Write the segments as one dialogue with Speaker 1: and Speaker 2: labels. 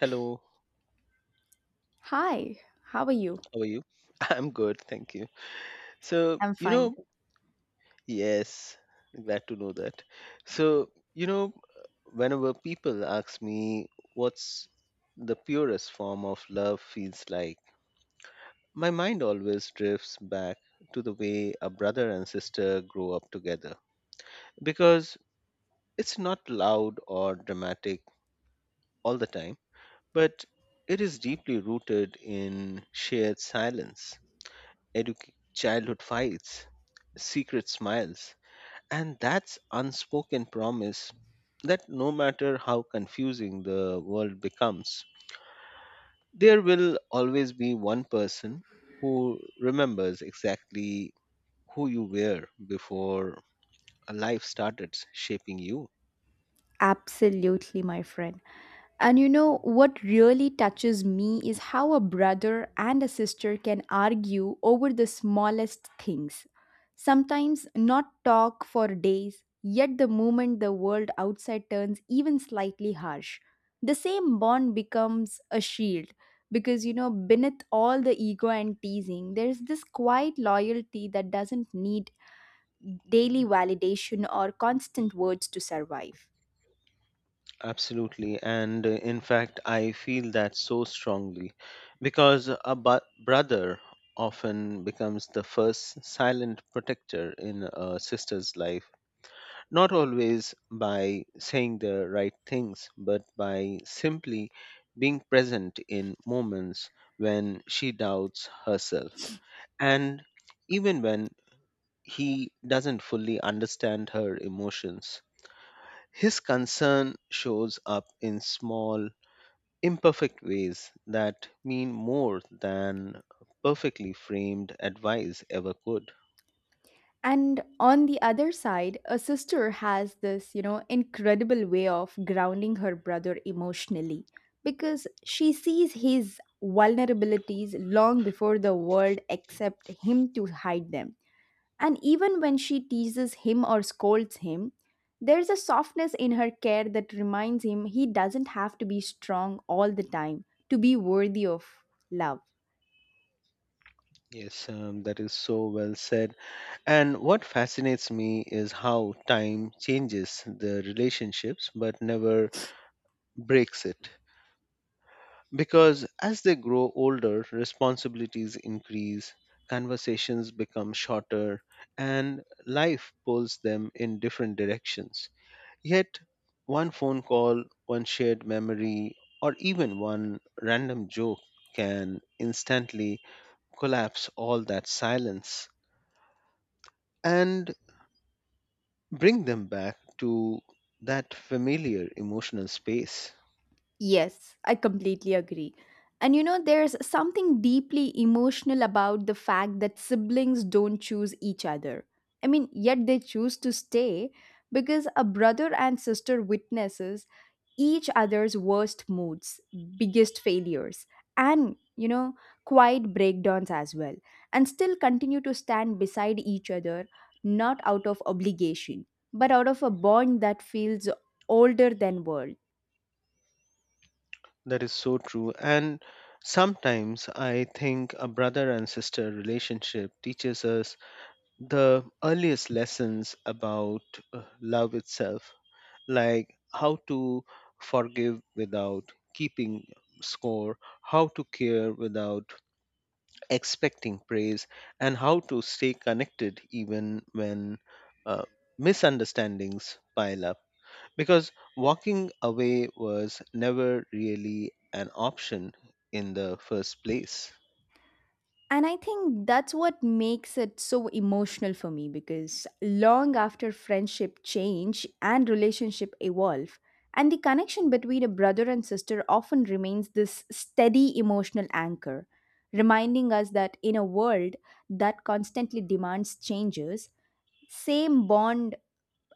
Speaker 1: Hello,
Speaker 2: Hi, how are you?
Speaker 1: how are you? I'm good, thank you. So,
Speaker 2: I'm fine.
Speaker 1: yes, glad to know that. So, whenever people ask me what's the purest form of love feels like, my mind always drifts back to the way a brother and sister grow up together. Because it's not loud or dramatic all the time, but it is deeply rooted in shared silence childhood fights, secret smiles, and that's unspoken promise that no matter how confusing the world becomes, there will always be one person who remembers exactly who you were before a life started shaping you.
Speaker 2: Absolutely, my friend. And you know what really touches me is how a brother and a sister can argue over the smallest things. Sometimes not talk for days, yet the moment the world outside turns even slightly harsh, the same bond becomes a shield. Because beneath all the ego and teasing, there's this quiet loyalty that doesn't need daily validation or constant words to survive.
Speaker 1: Absolutely. And in fact, I feel that so strongly because a brother often becomes the first silent protector in a sister's life, not always by saying the right things, but by simply being present in moments when she doubts herself. And even when he doesn't fully understand her emotions, his concern shows up in small imperfect ways that mean more than perfectly framed advice ever could.
Speaker 2: And on the other side, a sister has this, incredible way of grounding her brother emotionally because she sees his vulnerabilities long before the world accept him to hide them. And even when she teases him or scolds him, there's a softness in her care that reminds him he doesn't have to be strong all the time to be worthy of love.
Speaker 1: Yes, that is so well said. And what fascinates me is how time changes the relationships but never breaks it. Because as they grow older, responsibilities increase, conversations become shorter, and life pulls them in different directions. Yet, one phone call, one shared memory, or even one random joke can instantly collapse all that silence and bring them back to that familiar emotional space.
Speaker 2: Yes, I completely agree. And there's something deeply emotional about the fact that siblings don't choose each other. I mean, yet they choose to stay because a brother and sister witnesses each other's worst moods, biggest failures, and, quiet breakdowns as well, and still continue to stand beside each other, not out of obligation, but out of a bond that feels older than world.
Speaker 1: That is so true. And sometimes I think a brother and sister relationship teaches us the earliest lessons about love itself like how to forgive without keeping score, how to care without expecting praise, and how to stay connected even when uh, misunderstandings pile up because walking away was never really an option in the first place.
Speaker 2: And I think that's what makes it so emotional for me because long after friendship change and relationship evolve, and the connection between a brother and sister often remains this steady emotional anchor, reminding us that in a world that constantly demands changes, same bond,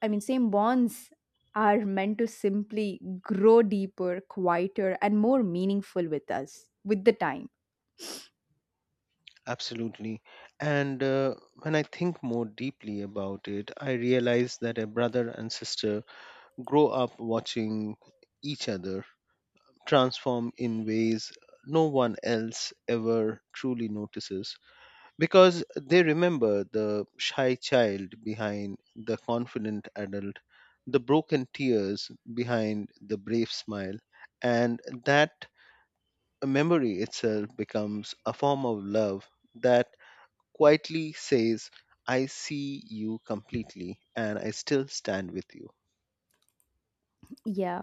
Speaker 2: I mean, same bonds are meant to simply grow deeper, quieter, and more meaningful with us with the time.
Speaker 1: Absolutely. And when I think more deeply about it, I realize that a brother and sister grow up watching each other transform in ways no one else ever truly notices because they remember the shy child behind the confident adult, the broken tears behind the brave smile, and that memory itself becomes a form of love that quietly says, I see you completely and I still stand with you.
Speaker 2: Yeah.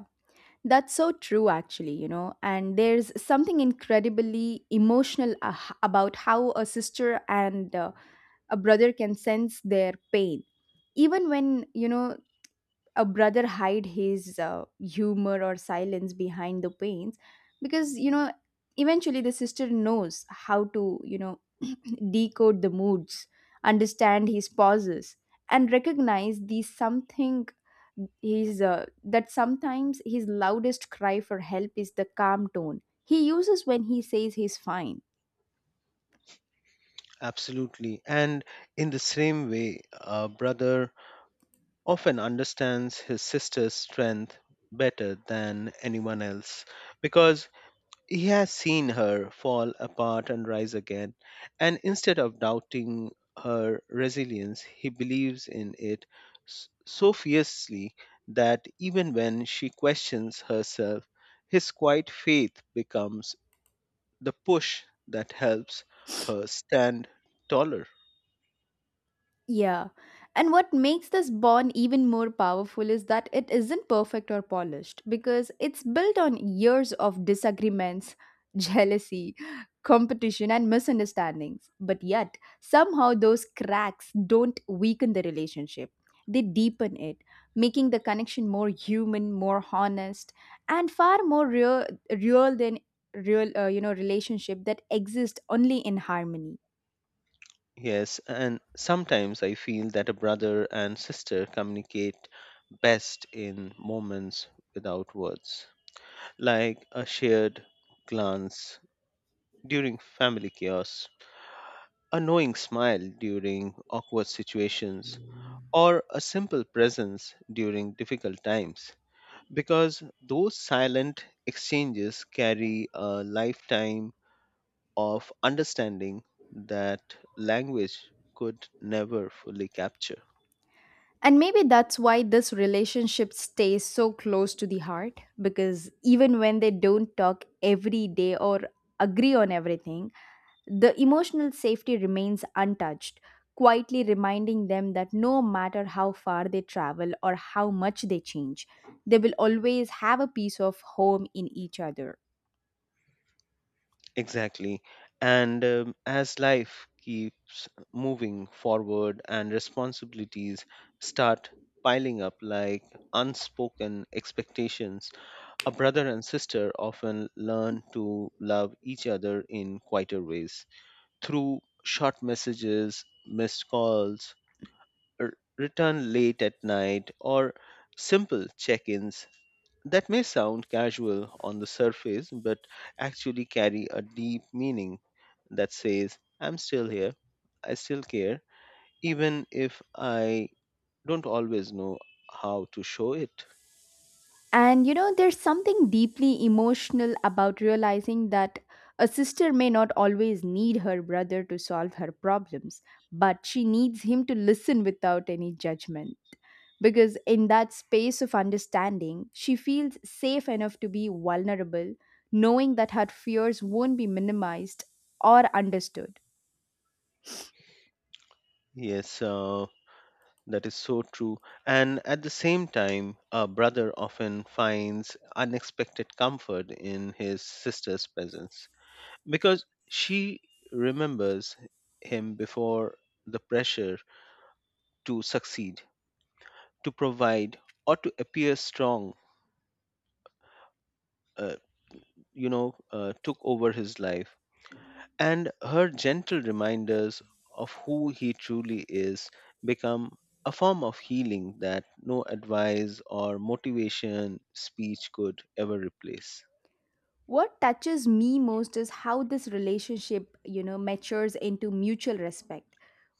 Speaker 2: That's so true, actually, and there's something incredibly emotional about how a sister and a brother can sense their pain. Even when, a brother hide his humor or silence behind the pains, because eventually the sister knows how to decode the moods, understand his pauses, and recognize the something his that sometimes his loudest cry for help is the calm tone he uses when he says he's fine.
Speaker 1: Absolutely. And in the same way, brother often understands his sister's strength better than anyone else because he has seen her fall apart and rise again. And instead of doubting her resilience, he believes in it so fiercely that even when she questions herself, his quiet faith becomes the push that helps her stand taller.
Speaker 2: Yeah. And what makes this bond even more powerful is that it isn't perfect or polished because it's built on years of disagreements, jealousy, competition, and misunderstandings. But yet, somehow those cracks don't weaken the relationship, they deepen it, making the connection more human, more honest, and far more real, than real relationship that exist only in harmony.
Speaker 1: Yes, and sometimes I feel that a brother and sister communicate best in moments without words, like a shared glance during family chaos, a knowing smile during awkward situations, or a simple presence during difficult times. Because those silent exchanges carry a lifetime of understanding that language could never fully capture.
Speaker 2: And maybe that's why this relationship stays so close to the heart because even when they don't talk every day or agree on everything, the emotional safety remains untouched, quietly reminding them that no matter how far they travel or how much they change, they will always have a piece of home in each other.
Speaker 1: Exactly. And as life keeps moving forward and responsibilities start piling up like unspoken expectations, a brother and sister often learn to love each other in quieter ways through short messages, missed calls, return late at night, or simple check ins that may sound casual on the surface, but actually carry a deep meaning that says, I'm still here, I still care, even if I don't always know how to show it.
Speaker 2: And there's something deeply emotional about realizing that a sister may not always need her brother to solve her problems, but she needs him to listen without any judgment. Because in that space of understanding, she feels safe enough to be vulnerable, knowing that her fears won't be minimized or understood.
Speaker 1: Yes, that is so true. And at the same time, a brother often finds unexpected comfort in his sister's presence because she remembers him before the pressure to succeed to provide or to appear strong, uh, took over his life. And her gentle reminders of who he truly is become a form of healing that no advice or motivation speech could ever replace.
Speaker 2: What touches me most is how this relationship, matures into mutual respect,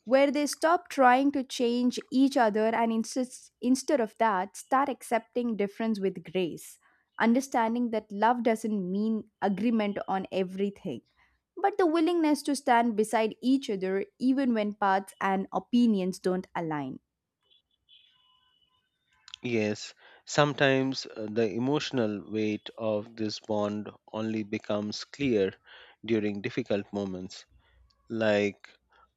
Speaker 2: where they stop trying to change each other and insist, instead of that, start accepting difference with grace, understanding that love doesn't mean agreement on everything, but the willingness to stand beside each other even when paths and opinions don't align.
Speaker 1: Yes, sometimes the emotional weight of this bond only becomes clear during difficult moments like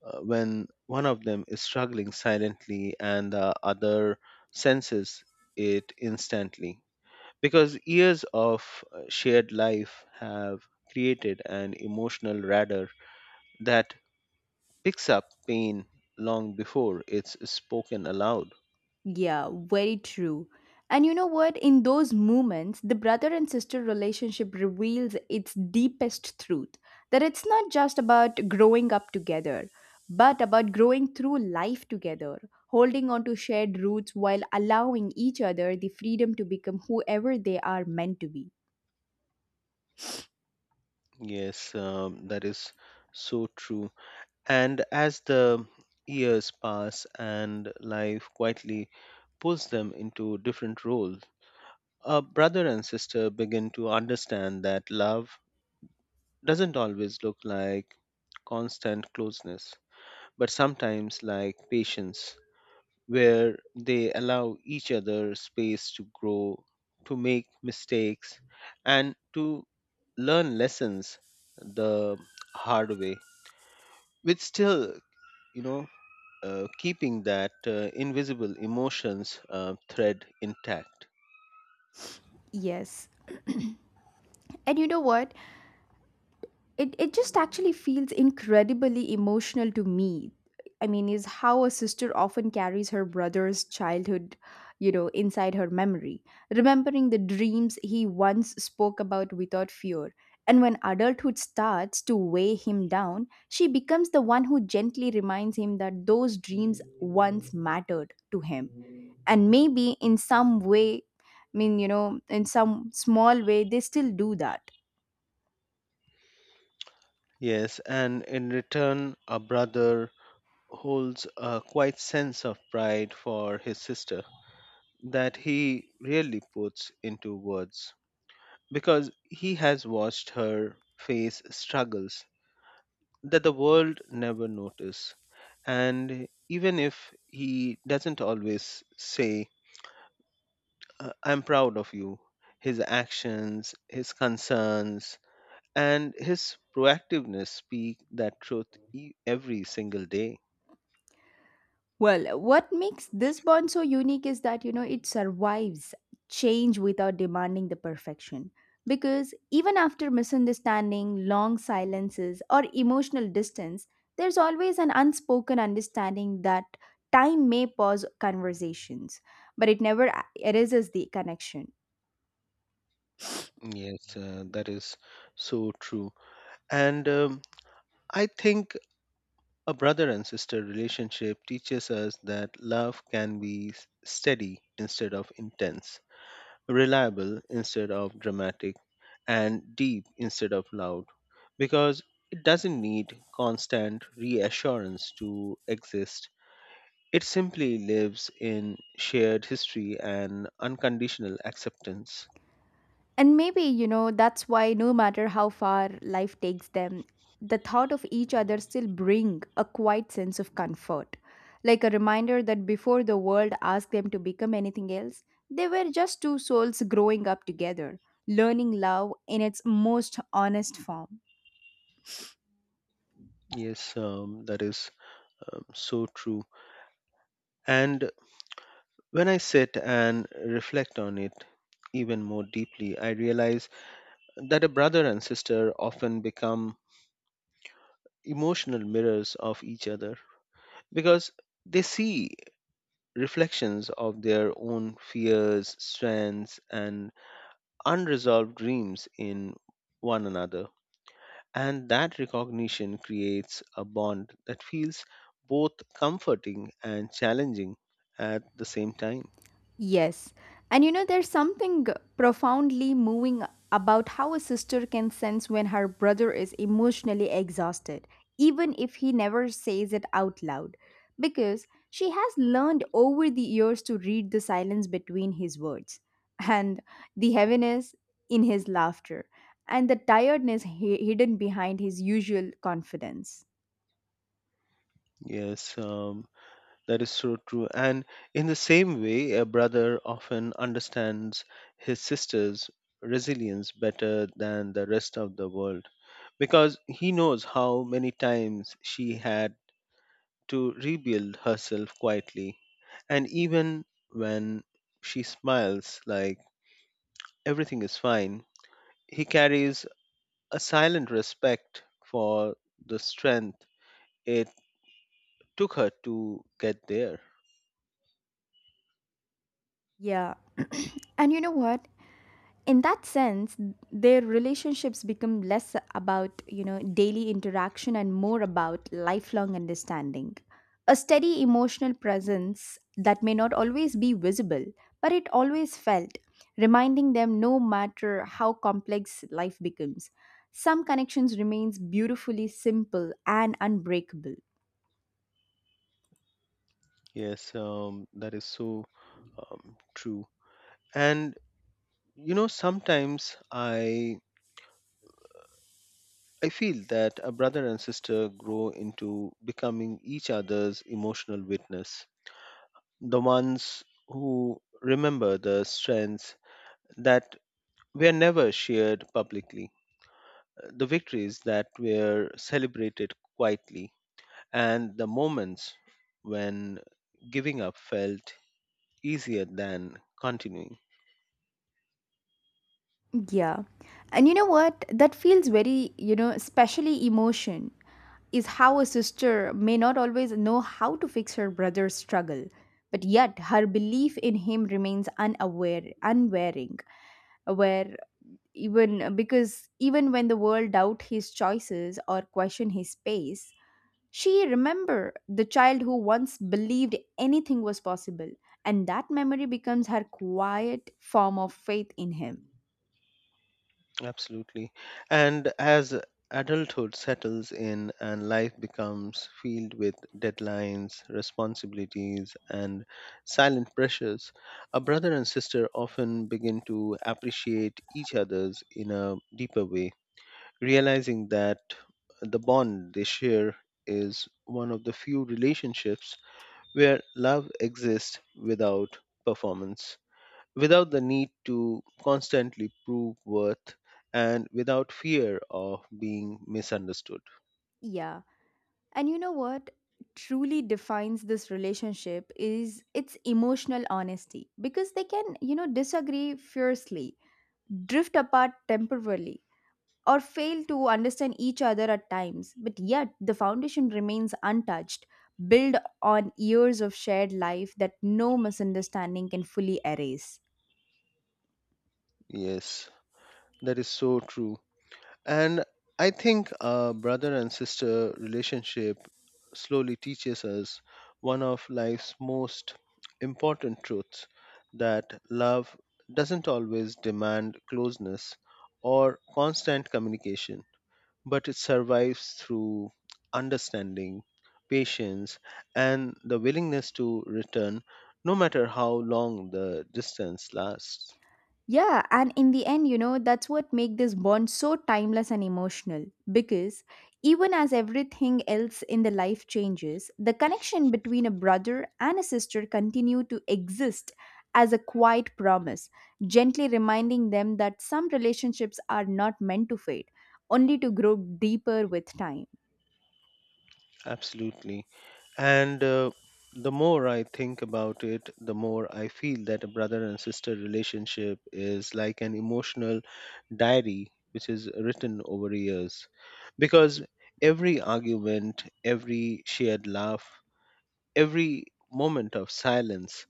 Speaker 1: when one of them is struggling silently and the other senses it instantly. Because years of shared life have created an emotional radar that picks up pain long before it's spoken aloud.
Speaker 2: Yeah, very true. And you know what? In those moments, the brother and sister relationship reveals its deepest truth that it's not just about growing up together, but about growing through life together, holding on to shared roots while allowing each other the freedom to become whoever they are meant to be.
Speaker 1: Yes, that is so true. And as the years pass and life quietly pulls them into different roles, a brother and sister begin to understand that love doesn't always look like constant closeness, but sometimes like patience, where they allow each other space to grow, to make mistakes, and to learn lessons the hard way, with still, you know, keeping that invisible emotions thread intact.
Speaker 2: Yes. And you know what? It just actually feels incredibly emotional to me. I mean, is how a sister often carries her brother's childhood inside her memory, remembering the dreams he once spoke about without fear, and when adulthood starts to weigh him down, she becomes the one who gently reminds him that those dreams once mattered to him, and maybe in some way, I mean, in some small way they still do that.
Speaker 1: Yes, and in return, a brother holds a quiet sense of pride for his sister that he rarely puts into words because he has watched her face struggles that the world never notice and even if he doesn't always say, I'm proud of you," his actions, his concerns, and his proactiveness speak that truth every single day.
Speaker 2: Well, what makes this bond so unique is that, it survives change without demanding the perfection. Because even after misunderstanding, long silences, or emotional distance, there's always an unspoken understanding that time may pause conversations, but it never erases the connection.
Speaker 1: Yes, that is so true. And I think a brother and sister relationship teaches us that love can be steady instead of intense, reliable instead of dramatic, and deep instead of loud, because it doesn't need constant reassurance to exist. It simply lives in shared history and unconditional acceptance.
Speaker 2: And maybe, that's why no matter how far life takes them, the thought of each other still bring a quiet sense of comfort. Like a reminder that before the world asked them to become anything else, they were just two souls growing up together, learning love in its most honest form.
Speaker 1: Yes, that is so true. And when I sit and reflect on it even more deeply, I realize that a brother and sister often become emotional mirrors of each other because they see reflections of their own fears, strengths, and unresolved dreams in one another. And that recognition creates a bond that feels both comforting and challenging at the same time.
Speaker 2: Yes. And there's something profoundly moving about how a sister can sense when her brother is emotionally exhausted, even if he never says it out loud, because she has learned over the years to read the silence between his words and the heaviness in his laughter and the tiredness hidden behind his usual confidence.
Speaker 1: Yes, that is so true. And in the same way, a brother often understands his sister's resilience better than the rest of the world because he knows how many times she had to rebuild herself quietly. And even when she smiles like everything is fine, he carries a silent respect for the strength it took her to get there.
Speaker 2: Yeah. And you know what? In that sense, their relationships become less about, daily interaction and more about lifelong understanding. A steady emotional presence that may not always be visible, but it always felt, reminding them no matter how complex life becomes. Some connections remains beautifully simple and unbreakable.
Speaker 1: Yes, that is so true. And you know sometimes I feel that a brother and sister grow into becoming each other's emotional witness, the ones who remember the strengths that were never shared publicly, the victories that were celebrated quietly, and the moments when giving up felt easier than continuing.
Speaker 2: Yeah. And you know what? That feels very, especially emotion is how a sister may not always know how to fix her brother's struggle. But yet her belief in him remains unaware, unwearing, aware. Even because even when the world doubt his choices or question his space, she remember the child who once believed anything was possible, and that memory becomes her quiet form of faith in him.
Speaker 1: Absolutely. And as adulthood settles in and life becomes filled with deadlines, responsibilities, and silent pressures, a brother and sister often begin to appreciate each other's in a deeper way, realizing that the bond they share is one of the few relationships where love exists without performance, without the need to constantly prove worth, and without fear of being misunderstood.
Speaker 2: Yeah. And you know what truly defines this relationship is its emotional honesty because they can, disagree fiercely, drift apart temporarily, or fail to understand each other at times, but yet the foundation remains untouched, built on years of shared life that no misunderstanding can fully erase.
Speaker 1: Yes, that is so true. And I think a brother and sister relationship slowly teaches us one of life's most important truths, that love doesn't always demand closeness or constant communication, but it survives through understanding, patience, and the willingness to return no matter how long the distance lasts.
Speaker 2: Yeah, and in the end, that's what make this bond so timeless and emotional because even as everything else in the life changes, the connection between a brother and a sister continue to exist as a quiet promise, gently reminding them that some relationships are not meant to fade, only to grow deeper with time.
Speaker 1: Absolutely. And the more I think about it, the more I feel that a brother and sister relationship is like an emotional diary which is written over years because every argument, every shared laugh, every moment of silence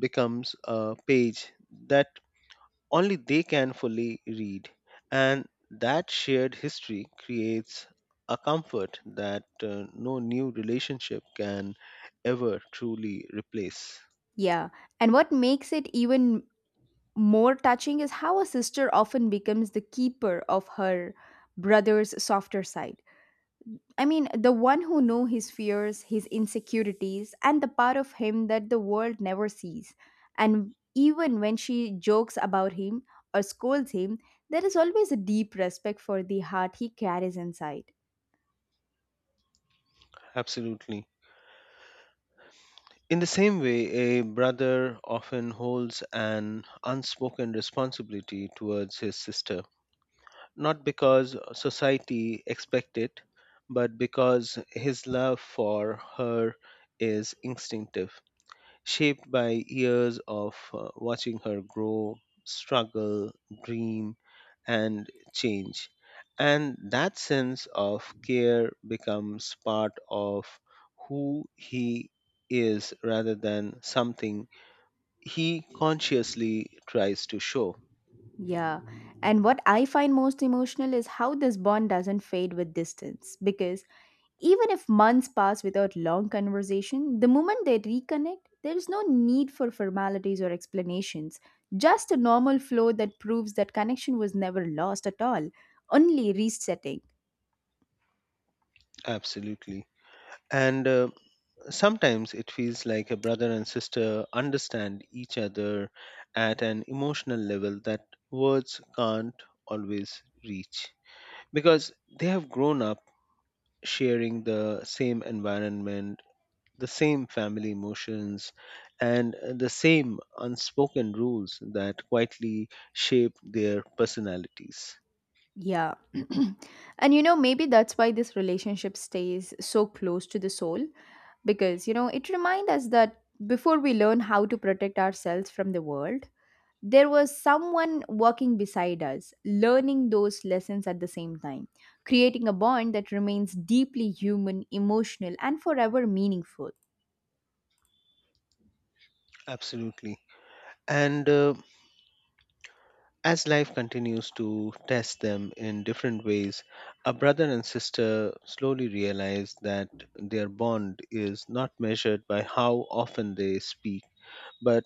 Speaker 1: becomes a page that only they can fully read. And that shared history creates a comfort that no new relationship can ever truly replace.
Speaker 2: Yeah, and what makes it even more touching is how a sister often becomes the keeper of her brother's softer side. I mean, the one who knew his fears, his insecurities, and the part of him that the world never sees. And even when she jokes about him or scolds him, there is always a deep respect for the heart he carries inside.
Speaker 1: Absolutely. In the same way, a brother often holds an unspoken responsibility towards his sister, not because society expects it, but because his love for her is instinctive, shaped by years of watching her grow, struggle, dream, and change. And that sense of care becomes part of who he is rather than something he consciously tries to show.
Speaker 2: Yeah. And what I find most emotional is how this bond doesn't fade with distance because even if months pass without long conversation, the moment they reconnect, there is no need for formalities or explanations, just a normal flow that proves that connection was never lost at all, only resetting.
Speaker 1: Absolutely. And sometimes it feels like a brother and sister understand each other at an emotional level that words can't always reach, because they have grown up sharing the same environment, the same family emotions, and the same unspoken rules that quietly shape their personalities.
Speaker 2: Yeah. And maybe that's why this relationship stays so close to the soul because, it reminds us that before we learn how to protect ourselves from the world, there was someone walking beside us, learning those lessons at the same time, creating a bond that remains deeply human, emotional, and forever meaningful.
Speaker 1: Absolutely. And as life continues to test them in different ways, a brother and sister slowly realize that their bond is not measured by how often they speak, but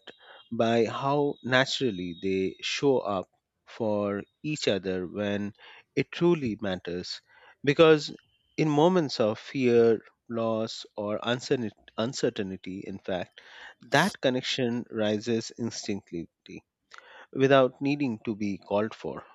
Speaker 1: by how naturally they show up for each other when it truly matters. Because in moments of fear, loss, or uncertainty, in fact, that connection rises instinctively without needing to be called for.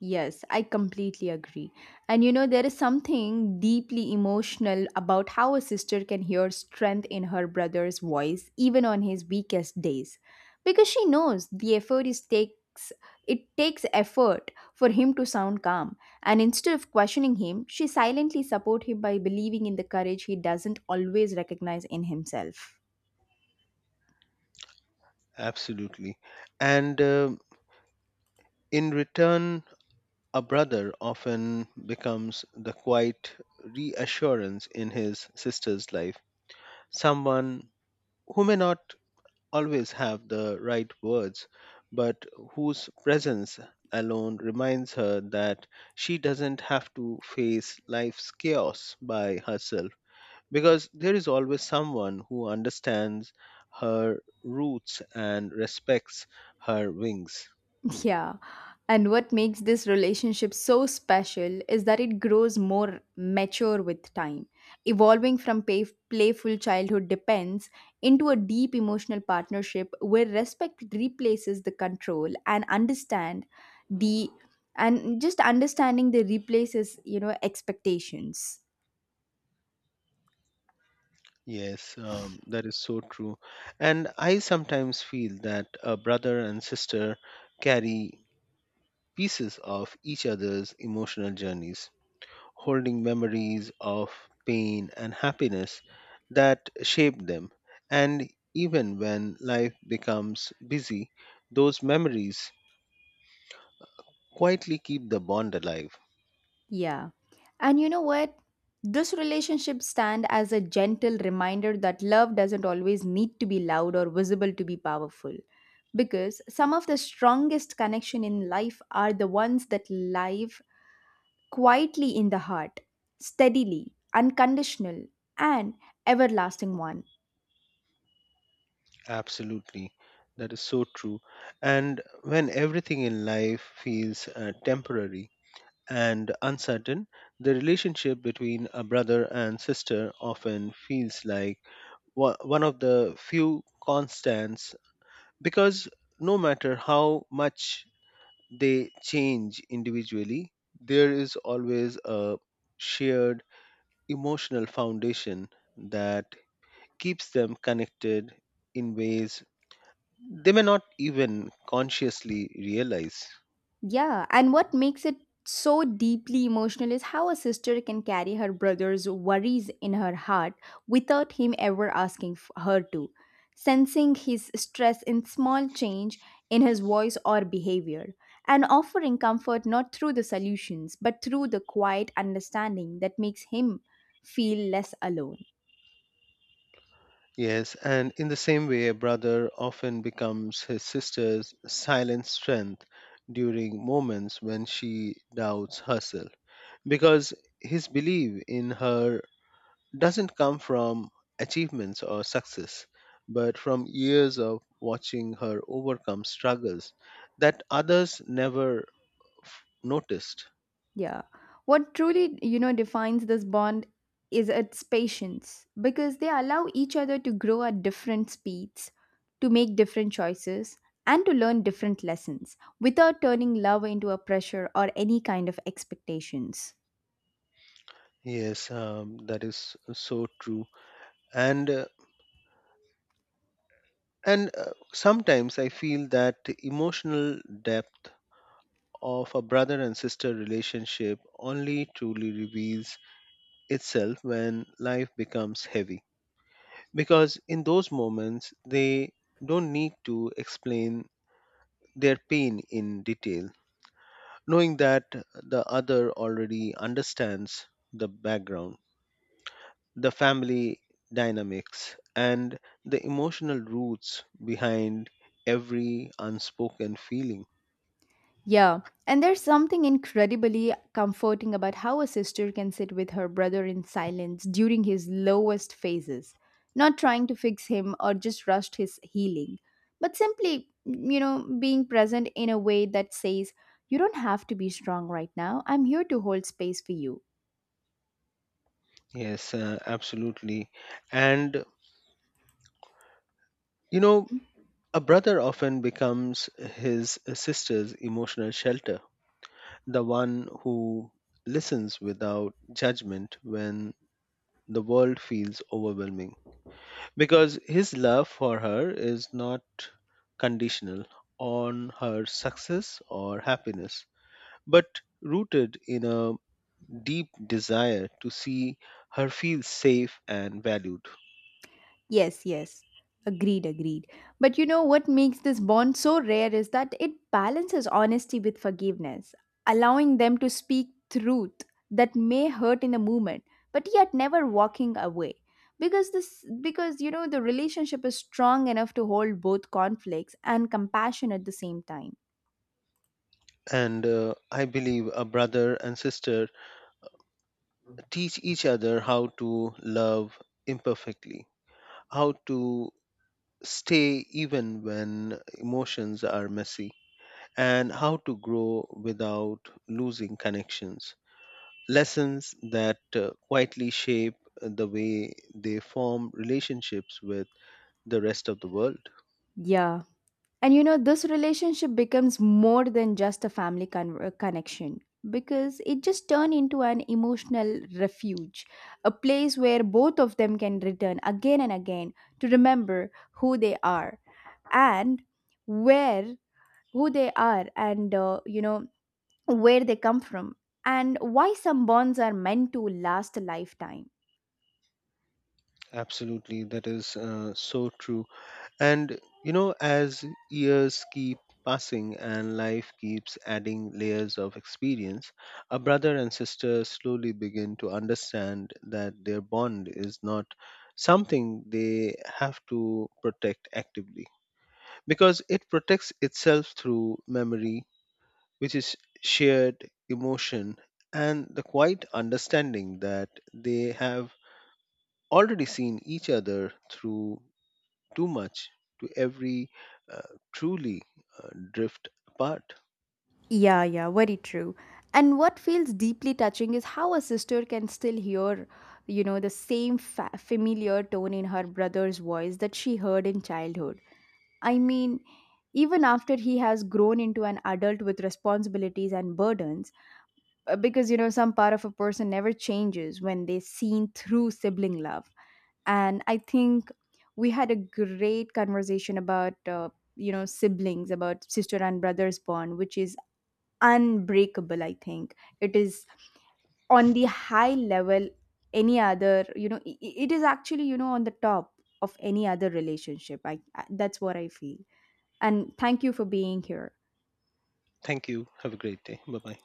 Speaker 2: Yes, I completely agree. And there is something deeply emotional about how a sister can hear strength in her brother's voice, even on his weakest days, because she knows the effort is takes it takes effort for him to sound calm, and instead of questioning him, she silently support him by believing in the courage he doesn't always recognize in himself.
Speaker 1: Absolutely. And in return, a brother often becomes the quiet reassurance in his sister's life, someone who may not always have the right words, but whose presence alone reminds her that she doesn't have to face life's chaos by herself, because there is always someone who understands her roots and respects her wings.
Speaker 2: Yeah. And what makes this relationship so special is that it grows more mature with time, evolving from playful childhood depends into a deep emotional partnership where respect replaces the control and understand the and just understanding the replaces, expectations.
Speaker 1: Yes, that is so true. And I sometimes feel that a brother and sister carry pieces of each other's emotional journeys, holding memories of pain and happiness that shape them. And even when life becomes busy, those memories quietly keep the bond alive.
Speaker 2: Yeah. And you know what? This relationship stand as a gentle reminder that love doesn't always need to be loud or visible to be powerful. Because some of the strongest connection in life are the ones that live quietly in the heart, steadily, unconditional, and everlasting one.
Speaker 1: Absolutely. That is so true. And when everything in life feels temporary and uncertain, the relationship between a brother and sister often feels like one of the few constants because no matter how much they change individually, there is always a shared emotional foundation that keeps them connected in ways they may not even consciously realize.
Speaker 2: Yeah, and what makes it so deeply emotional is how a sister can carry her brother's worries in her heart without him ever asking her to, sensing his stress in small change in his voice or behavior, and offering comfort not through the solutions but through the quiet understanding that makes him feel less alone.
Speaker 1: Yes, and in the same way, a brother often becomes his sister's silent strength during moments when she doubts herself, because his belief in her doesn't come from achievements or success, but from years of watching her overcome struggles that others never noticed.
Speaker 2: Yeah. What truly, defines this bond is its patience because they allow each other to grow at different speeds, to make different choices, and to learn different lessons without turning love into a pressure or any kind of expectations.
Speaker 1: Yes, that is so true. And uh, And sometimes I feel that emotional depth of a brother and sister relationship only truly reveals itself when life becomes heavy. Because in those moments, they don't need to explain their pain in detail, knowing that the other already understands the background, the family dynamics, and the emotional roots behind every unspoken feeling.
Speaker 2: Yeah, and there's something incredibly comforting about how a sister can sit with her brother in silence during his lowest phases, not trying to fix him or just rush his healing, but simply, being present in a way that says, "You don't have to be strong right now, I'm here to hold space for you."
Speaker 1: Yes, absolutely. And, you know, a brother often becomes his sister's emotional shelter, the one who listens without judgment when the world feels overwhelming. Because his love for her is not conditional on her success or happiness, but rooted in a deep desire to see her feel safe and valued.
Speaker 2: Yes, yes. Agreed, agreed. But you know what makes this bond so rare is that it balances honesty with forgiveness, allowing them to speak truth that may hurt in a moment, but yet never walking away. Because the relationship is strong enough to hold both conflicts and compassion at the same time.
Speaker 1: And I believe a brother and sister teach each other how to love imperfectly, how to stay even when emotions are messy, and how to grow without losing connections. Lessons that quietly shape the way they form relationships with the rest of the world.
Speaker 2: Yeah. And this relationship becomes more than just a family connection because it just turned into an emotional refuge, a place where both of them can return again and again to remember who they are and where who they are and you know where they come from and why some bonds are meant to last a lifetime.
Speaker 1: Absolutely, that is so true. And you know, as years keep passing and life keeps adding layers of experience, a brother and sister slowly begin to understand that their bond is not something they have to protect actively because it protects itself through memory, which is shared emotion and the quiet understanding that they have already seen each other through too much to every uh, truly drift apart.
Speaker 2: Yeah, yeah, very true. And what feels deeply touching is how a sister can still hear, the same familiar tone in her brother's voice that she heard in childhood. I mean, even after he has grown into an adult with responsibilities and burdens, because, some part of a person never changes when they're seen through sibling love. And I think we had a great conversation about, siblings, about sister and brother's bond, which is unbreakable. I think it is on the high level, any other it is actually on the top of any other relationship, that's what I feel. And thank you for being here.
Speaker 1: Thank you. Have a great day. Bye bye.